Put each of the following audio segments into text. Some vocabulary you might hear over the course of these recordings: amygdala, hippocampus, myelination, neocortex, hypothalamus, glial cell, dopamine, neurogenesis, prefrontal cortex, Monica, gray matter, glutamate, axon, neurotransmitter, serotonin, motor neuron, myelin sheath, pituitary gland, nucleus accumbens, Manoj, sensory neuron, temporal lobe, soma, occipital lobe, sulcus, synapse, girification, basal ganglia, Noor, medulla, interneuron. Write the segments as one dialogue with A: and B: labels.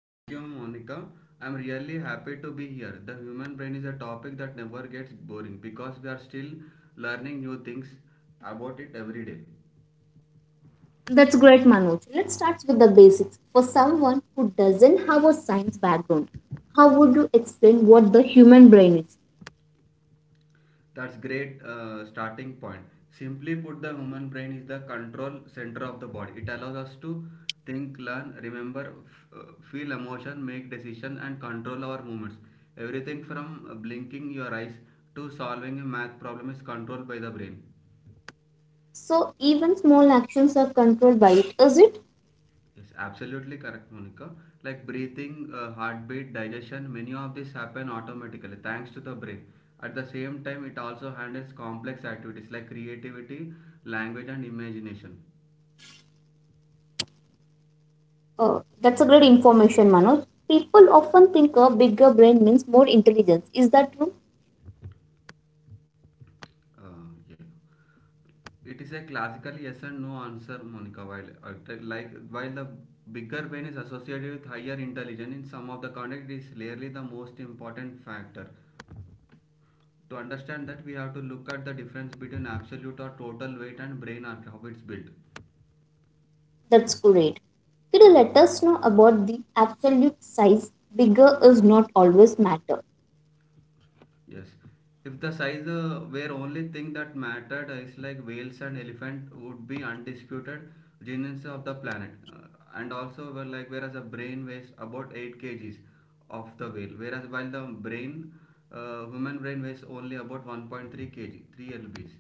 A: Thank you, Monica. I'm really happy to be here. The human brain is a topic that never gets boring because we are still learning new things about it every day.
B: That's great, Manoj. Let's start with the basics. For someone who doesn't have a science background, how would you explain what the human brain is?
A: That's great starting point. Simply put, the human brain is the control center of the body. It allows us to think, learn, remember, feel emotion, make decision, and control our movements. Everything from blinking your eyes to solving a math problem is controlled by the brain.
B: So even small actions are controlled by it, is it?
A: Yes, absolutely correct, Monica. Like breathing, heartbeat, digestion, many of these happen automatically thanks to the brain. At the same time, it also handles complex activities like creativity, language, and imagination.
B: That's a great information, Manoj. People often think a bigger brain means more intelligence. Is that true?
A: Yeah. It is a classical yes and no answer, Monica. Like while the bigger brain is associated with higher intelligence in some of the context, it is rarely the most important factor. To understand that, we have to look at the difference between absolute or total weight and brain art, how it's built.
B: That's great. Could you let us know about the absolute size? Bigger is not always matter.
A: Yes. If the size were only thing that mattered, it's like whales and elephant would be undisputed geniuses of the planet. And also, were like whereas a brain weighs about 8 kg kgs of the whale, whereas while human brain weighs only about 1.3 kg, 3 lbs.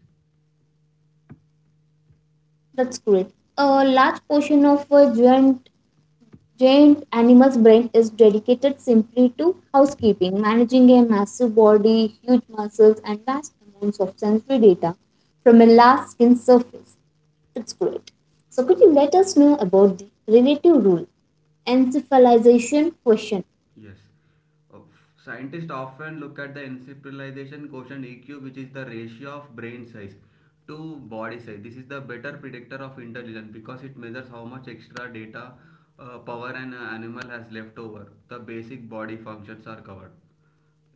B: That's great. A large portion of a giant Giant animal's brain is dedicated simply to housekeeping, managing a massive body, huge muscles, and vast amounts of sensory data from a large skin surface. It's great. So, could you let us know about the relative rule? Encephalization question.
A: Yes. Uh, Scientists often look at the encephalalization quotient EQ, which is the ratio of brain size to body size. This is the better predictor of intelligence because it measures how much extra data, power, an animal has left over. The basic body functions are covered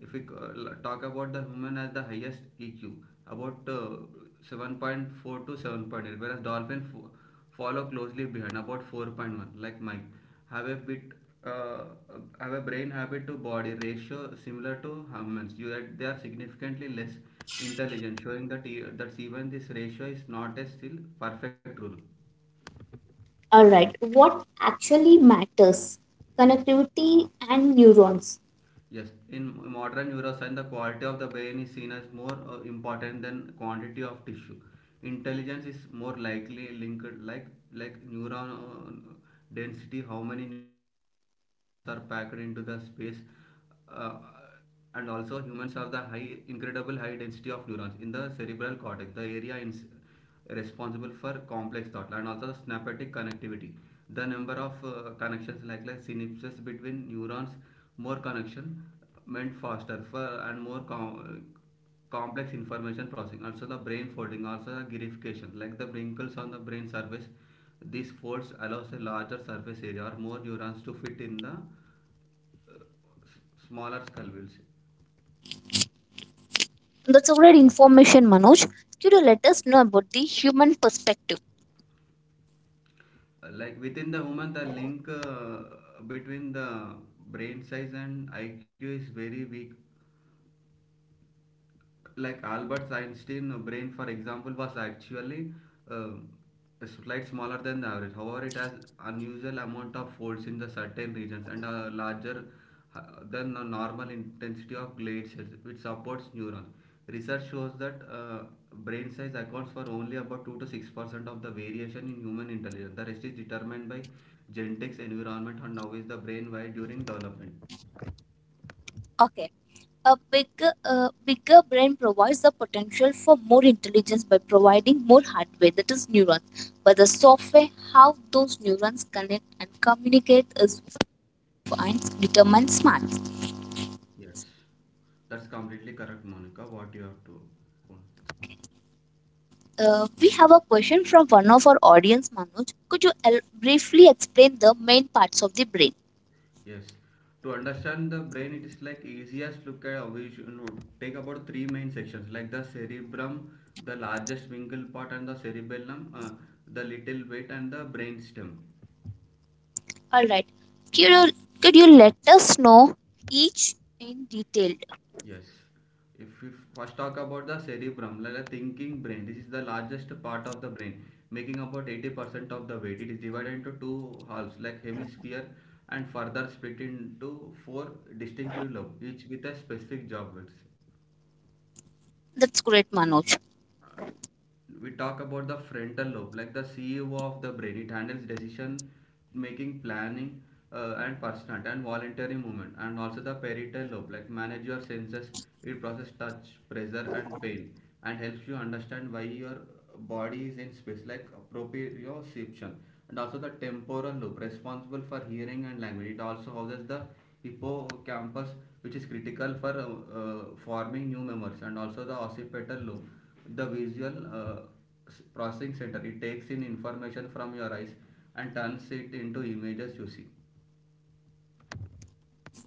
A: if we talk about the human as the highest EQ, about 7.4 to 7.8, whereas follow closely behind, about 4.1, like Mike, have a bit uh, have a brain habit to body ratio similar to humans. Yet they are significantly less intelligent, showing that that even this ratio is not a still perfect rule.
B: Alright, what actually matters? Connectivity and neurons.
A: Yes, in modern neuroscience, the quality of the brain is seen as more important than quantity of tissue. Intelligence is more likely linked like neuron density, how many neurons are packed into the space, uh, and also humans have the high incredible high density of neurons in the cerebral cortex, the area in responsible for complex thought, and also the synaptic connectivity, the number of connections like synapses between neurons. More connection meant faster for and more complex information processing. Also the brain folding, also the girification, like the wrinkles on the brain surface. These folds allows a larger surface area or more neurons to fit in the smaller skull wheels.
B: That's already information, Manoj. Could you let us know about the human perspective?
A: Like within the woman, the link between the brain size and IQ is very weak. Like Albert Einstein's brain, for example, was actually uh, slight smaller than the average. However, it has unusual amount of folds in the certain regions and a larger uh, than a normal intensity of glade cells, which supports neurons. Research shows that brain size accounts for only about 2 to 6% of the variation in human intelligence. The rest is determined by genetics, environment, and how is the brain wired during development.
B: Okay. A bigger, bigger brain provides the potential for more intelligence by providing more hardware, that is neurons. But the software, how those neurons connect and communicate, is defines determines smarts.
A: Yes, that's completely correct, Monica, what you have to own.
B: We have a question from one of our audience, Manoj. Could you briefly explain the main parts of the brain?
A: Yes. To understand the brain, it is like easiest look at we should take about three main sections like the cerebrum, the largest single part, and the cerebellum, the little bit, and the brainstem.
B: All right. Could you, could you let us know each in detail?
A: Yes. If we first talk about the cerebrum, like the thinking brain, this is the largest part of the brain, making about 80% of the weight. It is divided into two halves, like hemisphere, and further split into four distinctive lobes, each with a specific job.
B: That's great, Manoj.
A: We talk about the frontal lobe like the CEO of the brain. It handles decision making, planning, and personal and voluntary movement. And also the parietal lobe, like manage your senses. It process touch, pressure, and pain, and helps you understand why your body is in space, like proprioception. And also the temporal lobe, responsible for hearing and language. It also houses the hippocampus, which is critical for forming new memories. And also the occipital lobe, the visual processing center. It takes in information from your eyes and turns it into images you see.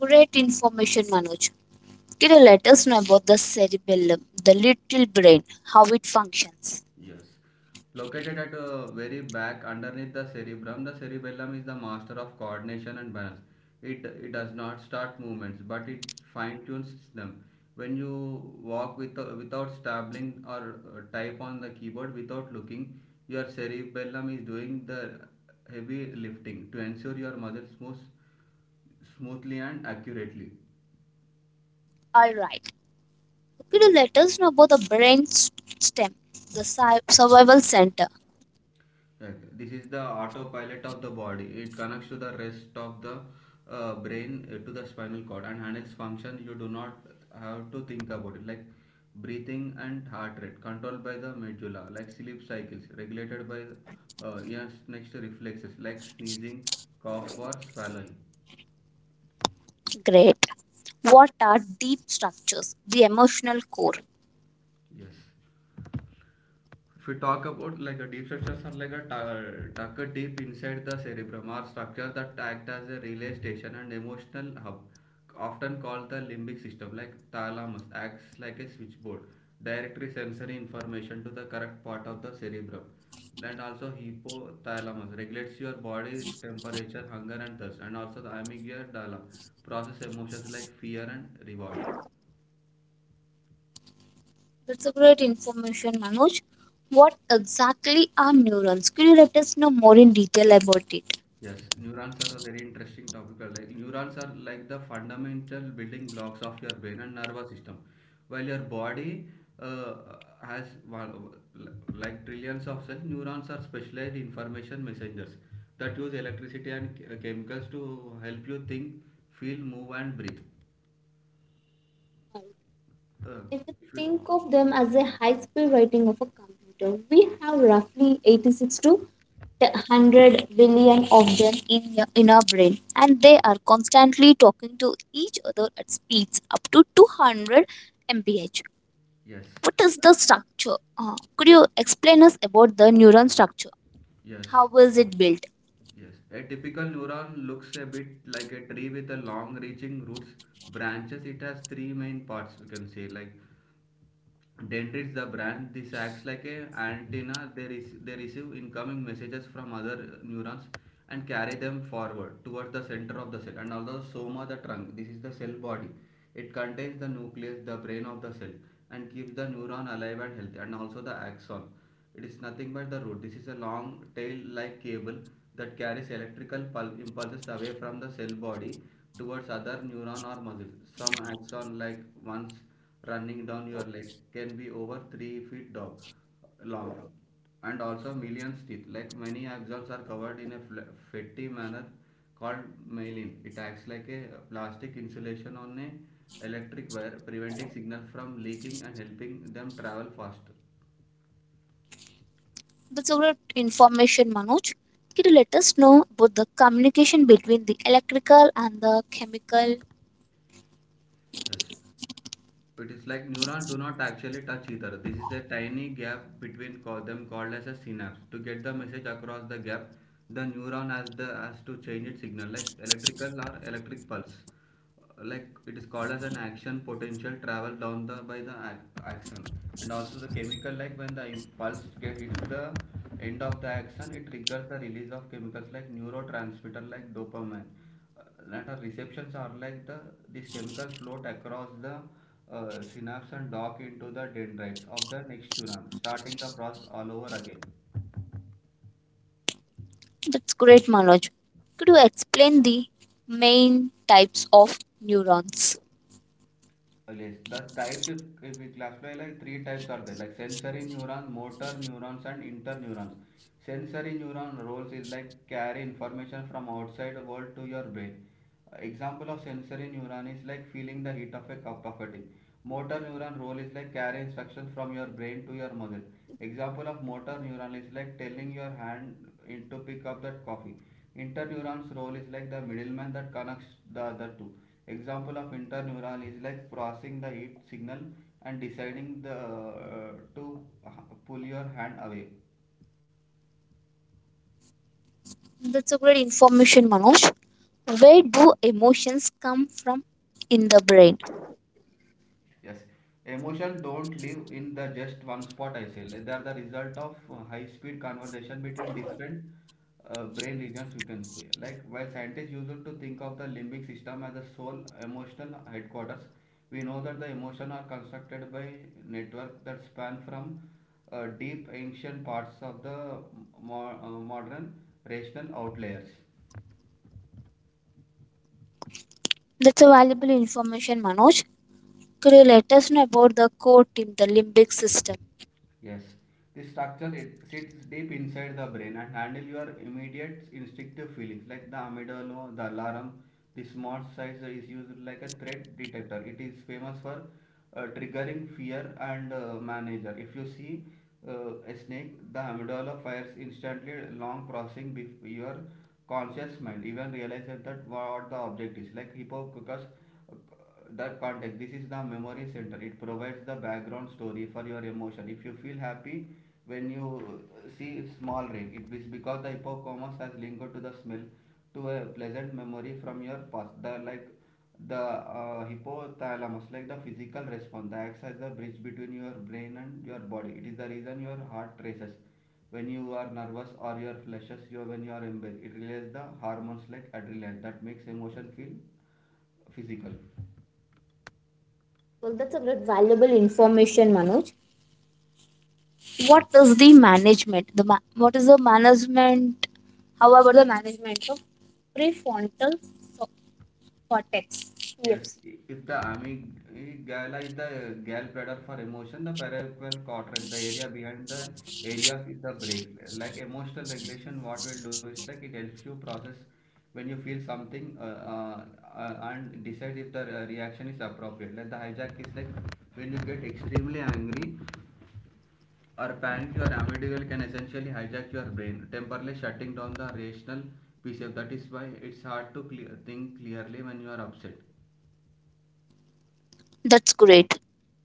B: Great information, Manoj. Can you let us know about the cerebellum, the little brain, how it functions?
A: Yes. Located at very back underneath the cerebrum, the cerebellum is the master of coordination and balance. It does not start movements, but it fine tunes them. When you walk without stumbling or type on the keyboard without looking, your cerebellum is doing the heavy lifting to ensure your muscles moves smoothly and accurately.
B: All right. Can you let us know about the brain stem, the survival center?
A: Okay. This is the autopilot of the body. It connects to the rest of the brain to the spinal cord and handles functions you do not have to think about it, like breathing and heart rate, controlled by the medulla, like sleep cycles, regulated by yes, next reflexes, like sneezing, cough, or swallowing.
B: Great. What are deep structures, the emotional core?
A: Yes. If we talk about like a deep structures, are like a tucked deep inside the cerebrum are structures that act as a relay station and emotional hub, often called the limbic system. Like thalamus acts like a switchboard, directly sensory information to the correct part of the cerebrum. And also hypothalamus regulates your body temperature, hunger, and thirst. And also the amygdala process emotions like fear and reward.
B: That's a great information, Manoj. What exactly are neurons? Could you let us know more in detail about it?
A: Yes, neurons are a very interesting topic. Like neurons are like the fundamental building blocks of your brain and nervous system. While your body uh, has one, like trillions of cells, neurons are specialized information messengers that use electricity and chemicals to help you think, feel, move, and breathe. Uh,
B: If we
A: if you,
B: think of them as a high speed writing of a computer, we have roughly 86 to 100 billion of them in, in our brain, and they are constantly talking to each other at speeds up to 200 mph.
A: yes,
B: What is the structure? Could you explain us about the neuron structure?
A: yes,
B: How is it built?
A: Yes. A typical neuron looks a bit like a tree with a long-reaching roots branches. It has three main parts. We can say like dentist, the brand, this acts like a antenna. They receive incoming messages from other neurons and carry them forward towards the center of the cell. And although soma, the trunk, this is the cell body. It contains the nucleus, the brain of the cell, and keeps the neuron alive and healthy. And also the axon. It is nothing but the root. This is a long tail-like cable that carries electrical impulses away from the cell body towards other neuron or muscle. Some axon, like ones running down your leg, can be over 3 feet dog, long and also millions teeth. Like many axons are covered in a fatty manner called myelin. It acts like a plastic insulation on a electric wire, preventing signal from leaking and helping them travel faster.
B: That's a lot information, Manoj. Could you let us know about the communication between the electrical and the chemical.
A: Yes. It is like neurons do not actually touch each other. This is a tiny gap between them called as a synapse. To get the message across the gap, the neuron has the has to change its signal like electrical or electric pulse. Like it is called as an action potential travel down the by the axon. And also the chemical, like when the impulse get hits the end of the axon, it triggers the release of chemicals like neurotransmitter like dopamine uh, that our receptions are like the this chemical float across the synapse and dock into the dendrites of the next neuron, starting the process all over again.
B: That's great, Manoj. Could you explain the main types of neurons?
A: Oh, yes, the types, if we classify, like three types are there, like sensory neuron, motor neurons, and interneurons. Sensory neuron roles is like carry information from outside world to your brain. Example of sensory neuron is like feeling the heat of a cup of a tea. Motor neuron role is like carry instruction from your brain to your muscle. Example of motor neuron is like telling your hand in to pick up that coffee. Interneurons role is like the middleman that connects the other two. Example of interneural is like processing the heat signal and deciding the to pull your hand away.
B: That's a great information, Manoj. Where do emotions come from in the brain?
A: Yes, emotion don't live in the just one spot. I say they are the result of high speed conversation between different brain regions. We can say like while scientists used to think of the limbic system as the sole emotional headquarters, we know that the emotion are constructed by network that span from deep ancient parts of the modern rational outliers.
B: That's a valuable information, Manoj. Could you let us know about the core team, the limbic system?
A: Yes, this structure it sits deep inside the brain and handle your immediate instinctive feelings like the amygdala, the alarm. This small size is used like a threat detector. It is famous for triggering fear and manager. If you see a snake, the amygdala fires instantly, long processing your conscious mind. Even realizes that what the object is like hippocampus that context, this is the memory center. It provides the background story for your emotion. If you feel happy when you see small rain, it is because the hippocampus has linked to the smell to a pleasant memory from your past. The hypothalamus, like the physical response, The acts as the bridge between your brain and your body. It is the reason your heart races when you are nervous or your flushes you when you are in. It releases the hormones like adrenaline that makes emotion feel physical.
B: Well, that's a great valuable information, Manoj. What is the management? The what is the management? How about the management of prefrontal so- cortex,
A: Yes,
B: PFC?
A: if the amygdala is the gallbladder for emotion, the cerebral cortex, the area behind the area, is the break. Like emotional regulation, what will do is like it helps you process when you feel something, and decide if the reaction is appropriate. Like the hijack is like when you get extremely angry or panic, your amygdala can essentially hijack your brain, temporarily shutting down the rational piece. Of That is why it's hard to think clearly when you are upset.
B: That's great.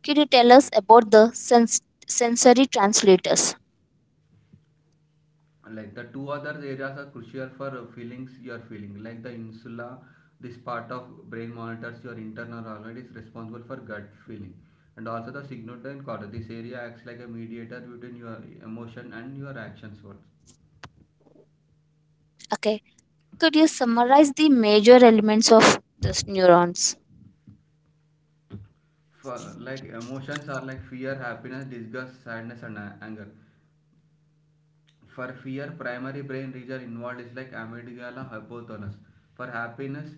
B: Could you tell us about the sensory translators?
A: Like, the two other areas are crucial for feelings you're feeling, like the insula. This part of brain monitors your internal organ, is responsible for gut feeling, and also the signoid cortex. This area acts like a mediator between your emotion and your actions words.
B: Okay. Could you summarize the major elements of these neurons?
A: For, like, emotions are like fear, happiness, disgust, sadness, and anger. For fear, primary brain region involved is like amygdala, hypothalamus. For happiness,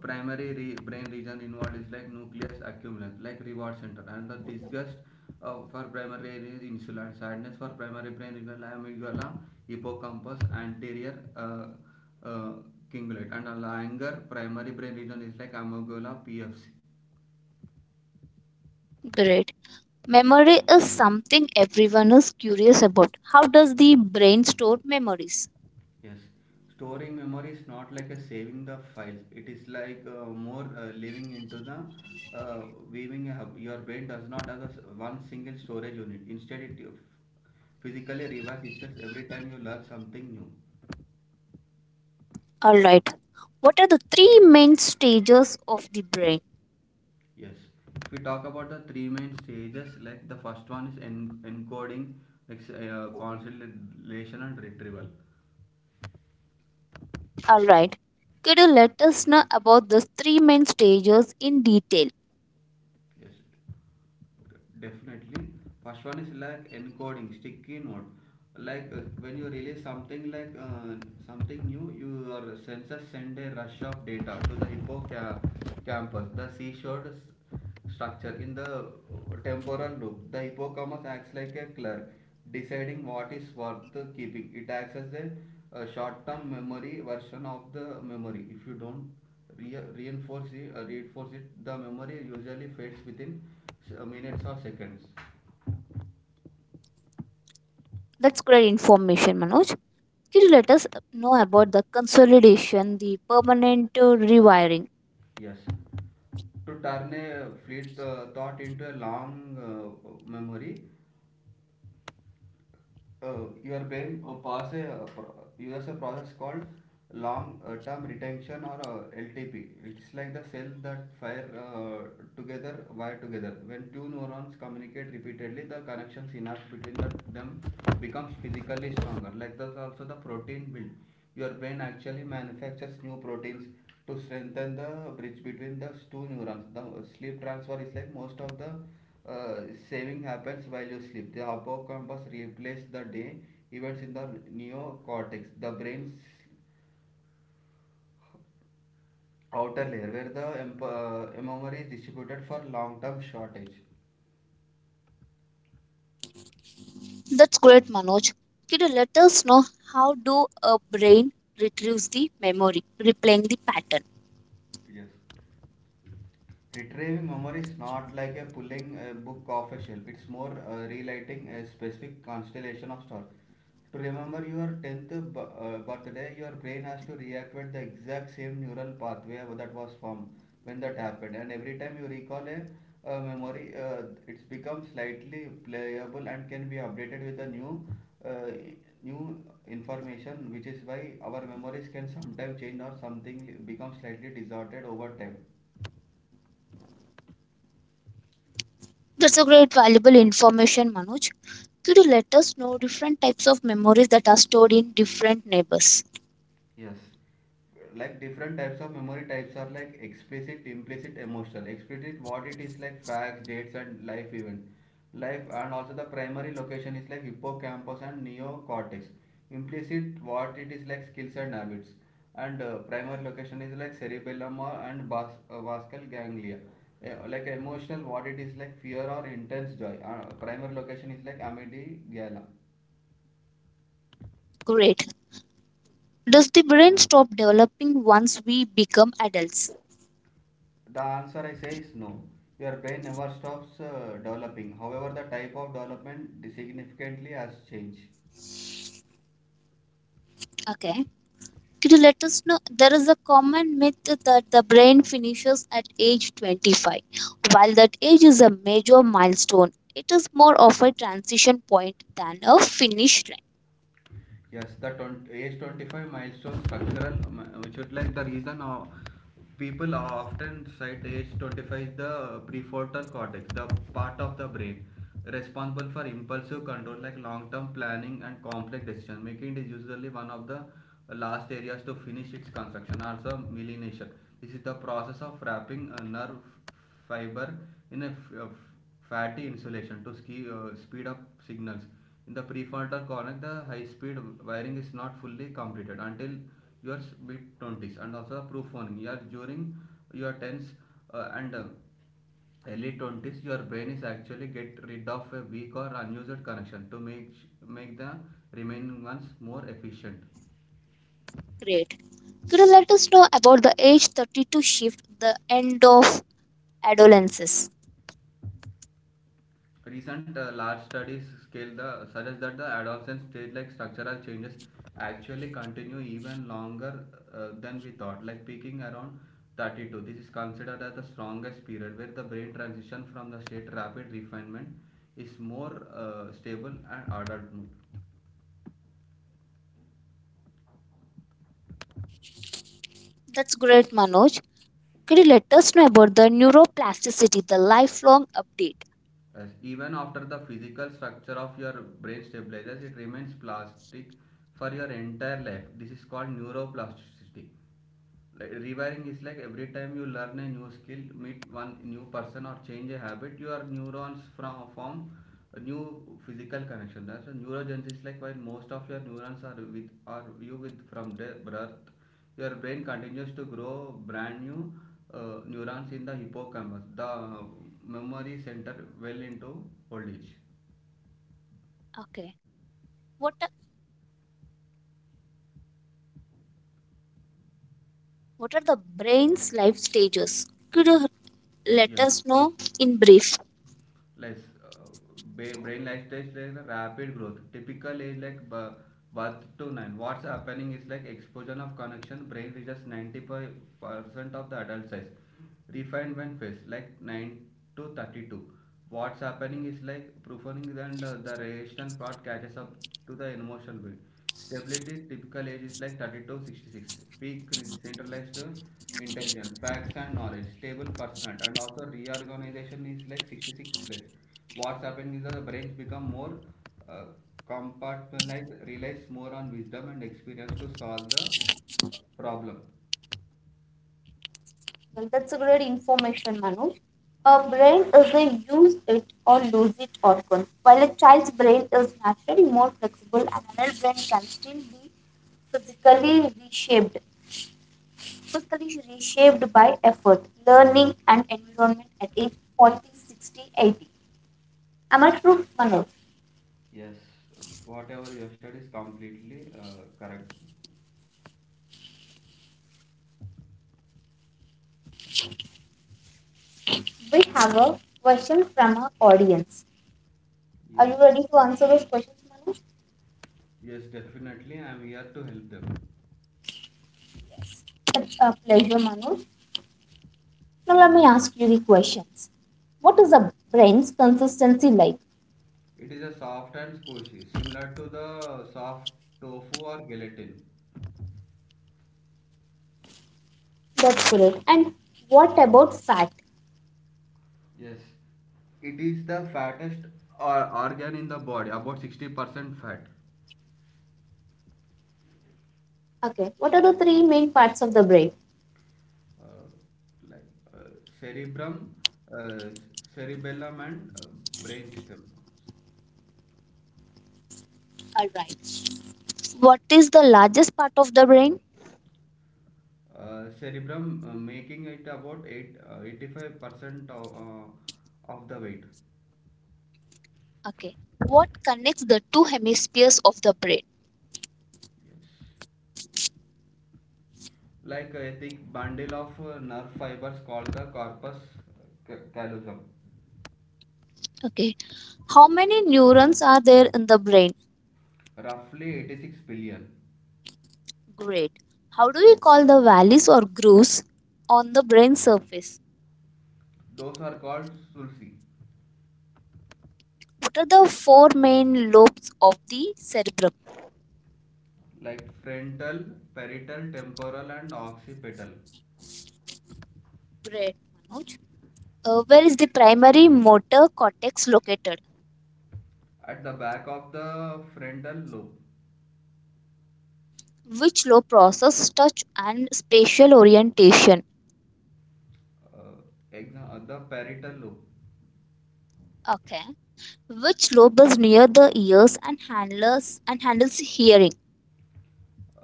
A: brain region involved is like nucleus accumbens, like reward center. And the disgust, for primary region is insula. And sadness, for primary brain region, like amygdala, hippocampus, anterior uh, cingulate. And anger, primary brain region is like amygdala, PFC.
B: Great. Memory is something everyone is curious about. How does the brain store memories?
A: Yes, storing memory is not like a saving the files. It is like more living into the uh, weaving. A hub. Your brain does not have a s one single storage unit. Instead, it physically revives itself every time you learn something new.
B: All right. What are the three main stages of the brain?
A: Yes. If we talk about the three main stages, like the first one is encoding, like consolidation and retrieval.
B: All right. Could you let us know about these three main stages in detail?
A: Yes, definitely. First one is like encoding, sticky note. Like, when you release something, like something new, your sensors send a rush of data to the hippocampus, the seashore structure. In the temporal loop, the hippocampus acts like a clerk, deciding what is worth keeping. It acts as a, short-term memory version of the memory. If you don't reinforce it, the memory usually fades within minutes or seconds.
B: That's great information, Manoj. Could you let us know about the consolidation, the permanent rewiring?
A: Yes. To turn a fleet thought into a long memory, your brain uses a process called long term retention, or LTP. It's like the cells that fire together, wire together. When two neurons communicate repeatedly, the connection synapse between them becomes physically stronger. Like, that's also the protein build. Your brain actually manufactures new proteins to strengthen the bridge between the two neurons. The sleep transfer is like most of the uh, saving happens while you sleep. The hippocampus replaces the day events in the neocortex, the brain's outer layer, where the memory is distributed for long-term shortage.
B: That's great, Manoj. Could you let us know how do a brain retrieves the memory, replaying the pattern?
A: Yes. Retrieving memory is not like a pulling a book off a shelf. It's more relighting a specific constellation of stars. To remember your 10th birthday, your brain has to reactivate the exact same neural pathway that was formed when that happened. And every time you recall a, memory, it's become slightly playable and can be updated with the new, uh, new information, which is why our memories can sometimes change or something become slightly distorted over time.
B: That's a great valuable information, Manoj. Could you let us know different types of memories that are stored in different neighbors?
A: Yes. Like, different types of memory types are like explicit, implicit, emotional. Explicit, what it is like facts, dates and life event. Life, and also the primary location is like hippocampus and neocortex. Implicit, what it is like skills and habits. And primary location is like cerebellum or, and basal ganglia. Like emotional, what it is like fear or intense joy. Primary location is like amygdala.
B: Great. Does the brain stop developing once we become adults?
A: The answer I say is no. Your brain never stops developing. However, the type of development significantly has changed.
B: Okay. Could you let us know? There is a common myth that the brain finishes at age 25. While that age is a major milestone, it is more of a transition point than a finish line.
A: Yes, age 25 milestone structural, which is like the reason of people often cite age 25. The prefrontal cortex, the part of the brain responsible for impulsive control like long-term planning and complex decision making, it is usually one of the last areas to finish its construction. Also myelination, this is the process of wrapping a nerve fiber in a fatty insulation to speed up signals. In the prefrontal cortex, the high-speed wiring is not fully completed until your mid-20s. And also proof warning. You are, during your 10s and early 20s, your brain is actually get rid of a weak or unused connection to make the remaining ones more efficient.
B: Great. Could you let us know about the age 32 shift, the end of adolescence?
A: Recent large studies scale the suggest that the adolescent stage, like structural changes, actually continue even longer than we thought, like peaking around 32. This is considered as the strongest period where the brain transition from the state rapid refinement is more stable and ordered mode.
B: That's great, Manoj. Could you let us know about the neuroplasticity, the lifelong update?
A: As even after the physical structure of your brain stabilizes, it remains plastic for your entire life. This is called neuroplasticity. Like, rewiring is like every time you learn a new skill, meet one new person or change a habit, your neurons from form a new physical connection. That's a neurogenesis. Like, while most of your neurons are with are you with from the birth, your brain continues to grow brand new neurons in the hippocampus, the memory center, well into old age.
B: Okay. What are, what are the brain's life stages? Could you let
A: Yes,
B: us know in brief?
A: less. uh, Brain life stage like the rapid growth typical age, like birth to 9, what's happening is like explosion of connection, brain reaches 95% of the adult size. Refinement phase, like 9 to 32, what's happening is like profounding and the rational part catches up to the emotional being. Stability typical age is like 32-66. Peak centralized intelligence, facts and knowledge, stable personal, and also reorganization is like 66 plus. What's happening is that the brains become more uh, compartmentalized, relies more on wisdom and experience to solve the problem.
B: Well, that's a great information, Manoj. A brain is a use it or lose it organ. While a child's brain is naturally more flexible, an adult brain can still be physically reshaped, physically reshaped by effort, learning, and environment at age 40, 60, 80. Am I true, Manoj?
A: Yes, whatever you said is completely correct.
B: We have a question from our audience. Are
A: Yes,
B: you ready to answer those questions, Manoj?
A: yes, definitely. I am here to help them.
B: Yes. It's a pleasure, Manoj. Now, let me ask you the questions. What is the brain's consistency like?
A: It is a soft and squishy, similar to the soft tofu or gelatin.
B: That's correct. And what about fat?
A: Yes. It is the fattest or organ in the body, about 60% fat.
B: Okay, what are the three main parts of the brain?
A: Uh, like uh, Cerebrum, uh, cerebellum, and brainstem.
B: All right. What is the largest part of the brain?
A: Cerebrum, making it about 85% of the weight.
B: Okay. What connects the two hemispheres of the brain?
A: Yes, like a thick bundle of nerve fibers called the corpus callosum.
B: Okay. How many neurons are there in the brain?
A: Roughly 86 billion.
B: Great. How do we call the valleys or grooves on the brain surface?
A: Those are called sulci.
B: What are the four main lobes of the cerebrum?
A: Like frontal, parietal, temporal and occipital.
B: Great. Manoj. Where is the primary motor cortex located?
A: At the back of the frontal lobe.
B: Which lobe process touch and spatial orientation?
A: uh, the parietal lobe.
B: Okay. Which lobe is near the ears and handles hearing?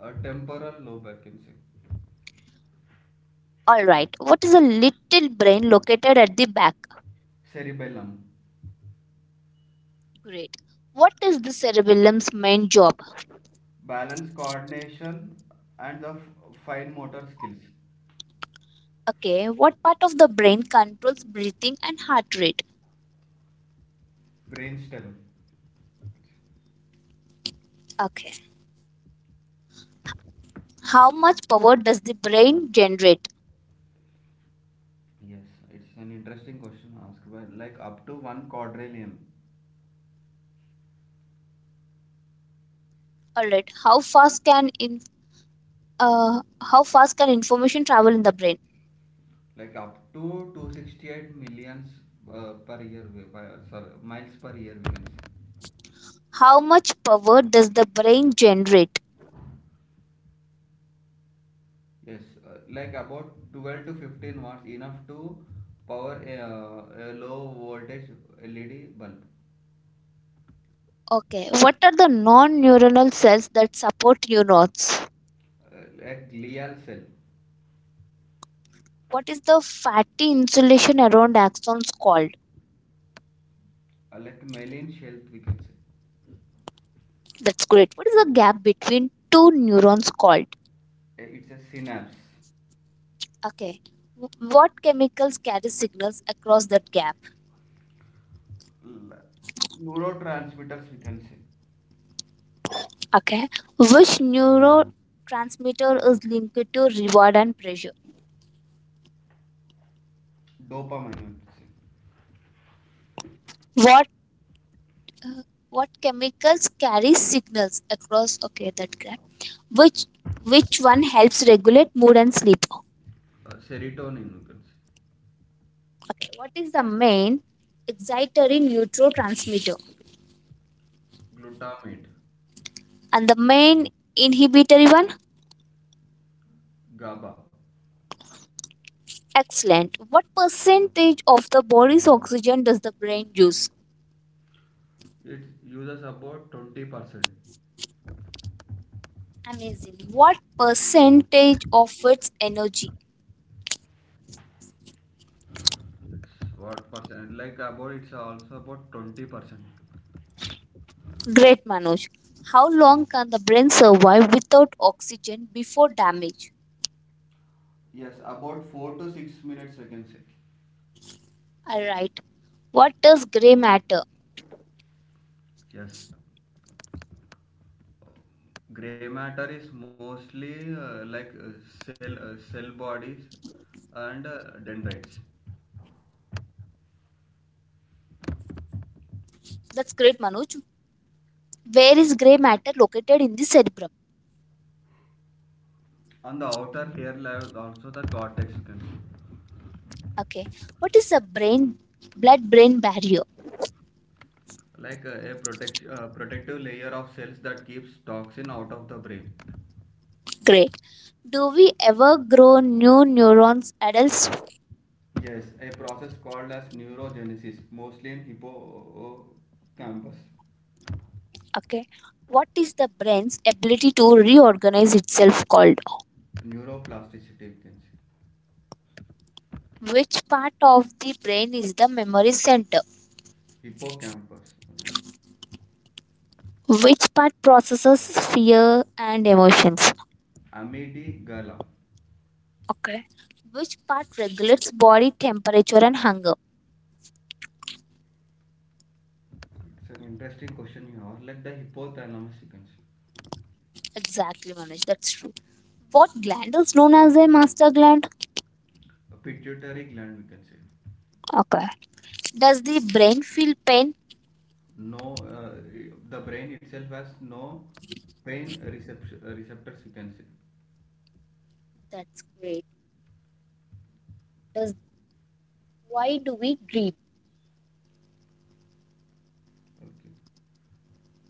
A: Temporal lobe, I can say.
B: All right. What is a little brain located at the back?
A: Cerebellum.
B: Great. What is the cerebellum's main job?
A: Balance, coordination, and the fine motor skills.
B: Okay. What part of the brain controls breathing and heart rate?
A: Brainstem.
B: Okay. How much power does the brain generate?
A: Yes, it's an interesting question asked by, like, up to one quadrillion.
B: All right. Uh, how fast can information travel in the brain?
A: Like up to 268 millions per year, we- by, sorry, miles per year we can say.
B: How much power does the brain generate?
A: Yes, like about 12 to 15 watts, enough to power a low voltage LED bulb.
B: Okay, what are the non-neuronal cells that support neurons?
A: uh, like glial cell.
B: What is the fatty insulation around axons called?
A: Like myelin sheath, we can say.
B: That's great. What is the gap between two neurons called?
A: It's a synapse.
B: Okay, what chemicals carry signals across that gap?
A: L- Neurotransmitters, we can say.
B: Okay. Which neurotransmitter is linked to reward and pressure?
A: Dopamine, we can say.
B: What uh, what chemicals carry signals across okay that graph. Which which one helps regulate mood and sleep?
A: Serotonin, we can say.
B: Okay. What is the main excitatory neurotransmitter?
A: Glutamate.
B: And the main inhibitory one?
A: GABA.
B: Excellent. What percentage of the body's oxygen does the brain use?
A: It uses about 20%.
B: Amazing. What percentage of its energy?
A: What percent? Like, about, it's also about 20%.
B: Great, Manoj. How long can the brain survive without oxygen before damage?
A: Yes, about 4 to 6 minutes, I can say.
B: All right. What does gray matter?
A: Yes, gray matter is mostly uh, like uh, cell, cell bodies and dendrites.
B: That's great, Manoj. Where is gray matter located in the cerebrum?
A: On the outer layer level, also the cortex, you can see.
B: Okay. What is the brain blood brain barrier?
A: Like a protective layer of cells that keeps toxin out of the brain.
B: Great. Do we ever grow new neurons, adults?
A: Yes, a process called as neurogenesis, mostly in hippocampus.
B: Okay. What is the brain's ability to reorganize itself called?
A: Neuroplasticity, you can see.
B: Which part of the brain is the memory center?
A: Hippocampus, like.
B: Which part processes fear and emotions?
A: Amygdala.
B: Okay. Which part regulates body temperature and hunger?
A: It's an interesting question here. Have, like the hypothalamus, you can see.
B: Exactly, Manoj. That's true. What gland is known as a master gland?
A: Pituitary gland, we can see.
B: Okay. Does the brain feel pain?
A: No, the brain itself has no pain receptors, you can see.
B: That's great. Does Why do we dream?
A: Okay.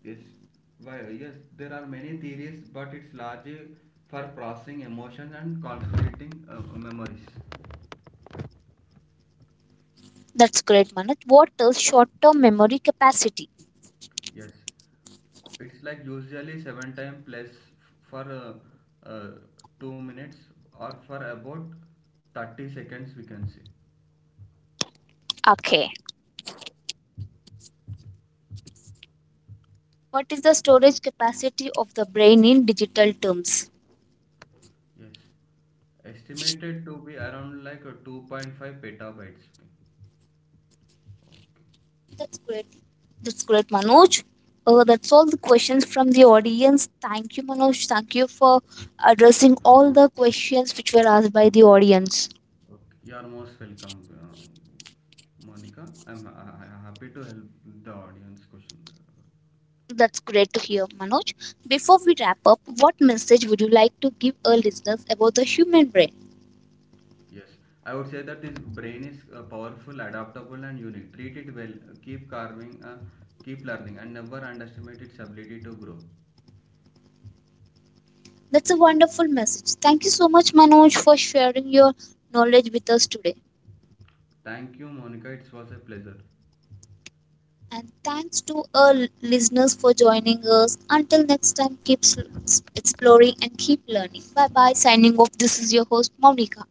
A: Yes, yes, there are many theories, but it's largely for processing emotions and consolidating memories.
B: That's great, Manoj. What is short-term memory capacity?
A: Yes, it's like usually seven time plus for uh, uh, 2 minutes or for about 30 seconds, we can say.
B: Okay. What is the storage capacity of the brain in digital terms?
A: Yes, estimated to be around, like, 2.5 petabytes. Okay.
B: That's great. That's great, Manoj. That's all the questions from the audience. Thank you, Manoj. Thank you for addressing all the questions which were asked by the audience.
A: Okay. You are most welcome, Monica. I'm happy to help the audience question.
B: That's great to hear, Manoj. Before we wrap up, what message would you like to give our listeners about the human brain?
A: Yes, I would say that this brain is powerful, adaptable, and unique. Treat it well, keep carving, keep learning, and never underestimate its ability to grow.
B: That's a wonderful message. Thank you so much, Manoj, for sharing your knowledge with us today.
A: Thank you, Monica. It was a pleasure.
B: And thanks to our listeners for joining us. Until next time, keep exploring and keep learning. Bye bye. Signing off. This is your host, Monica.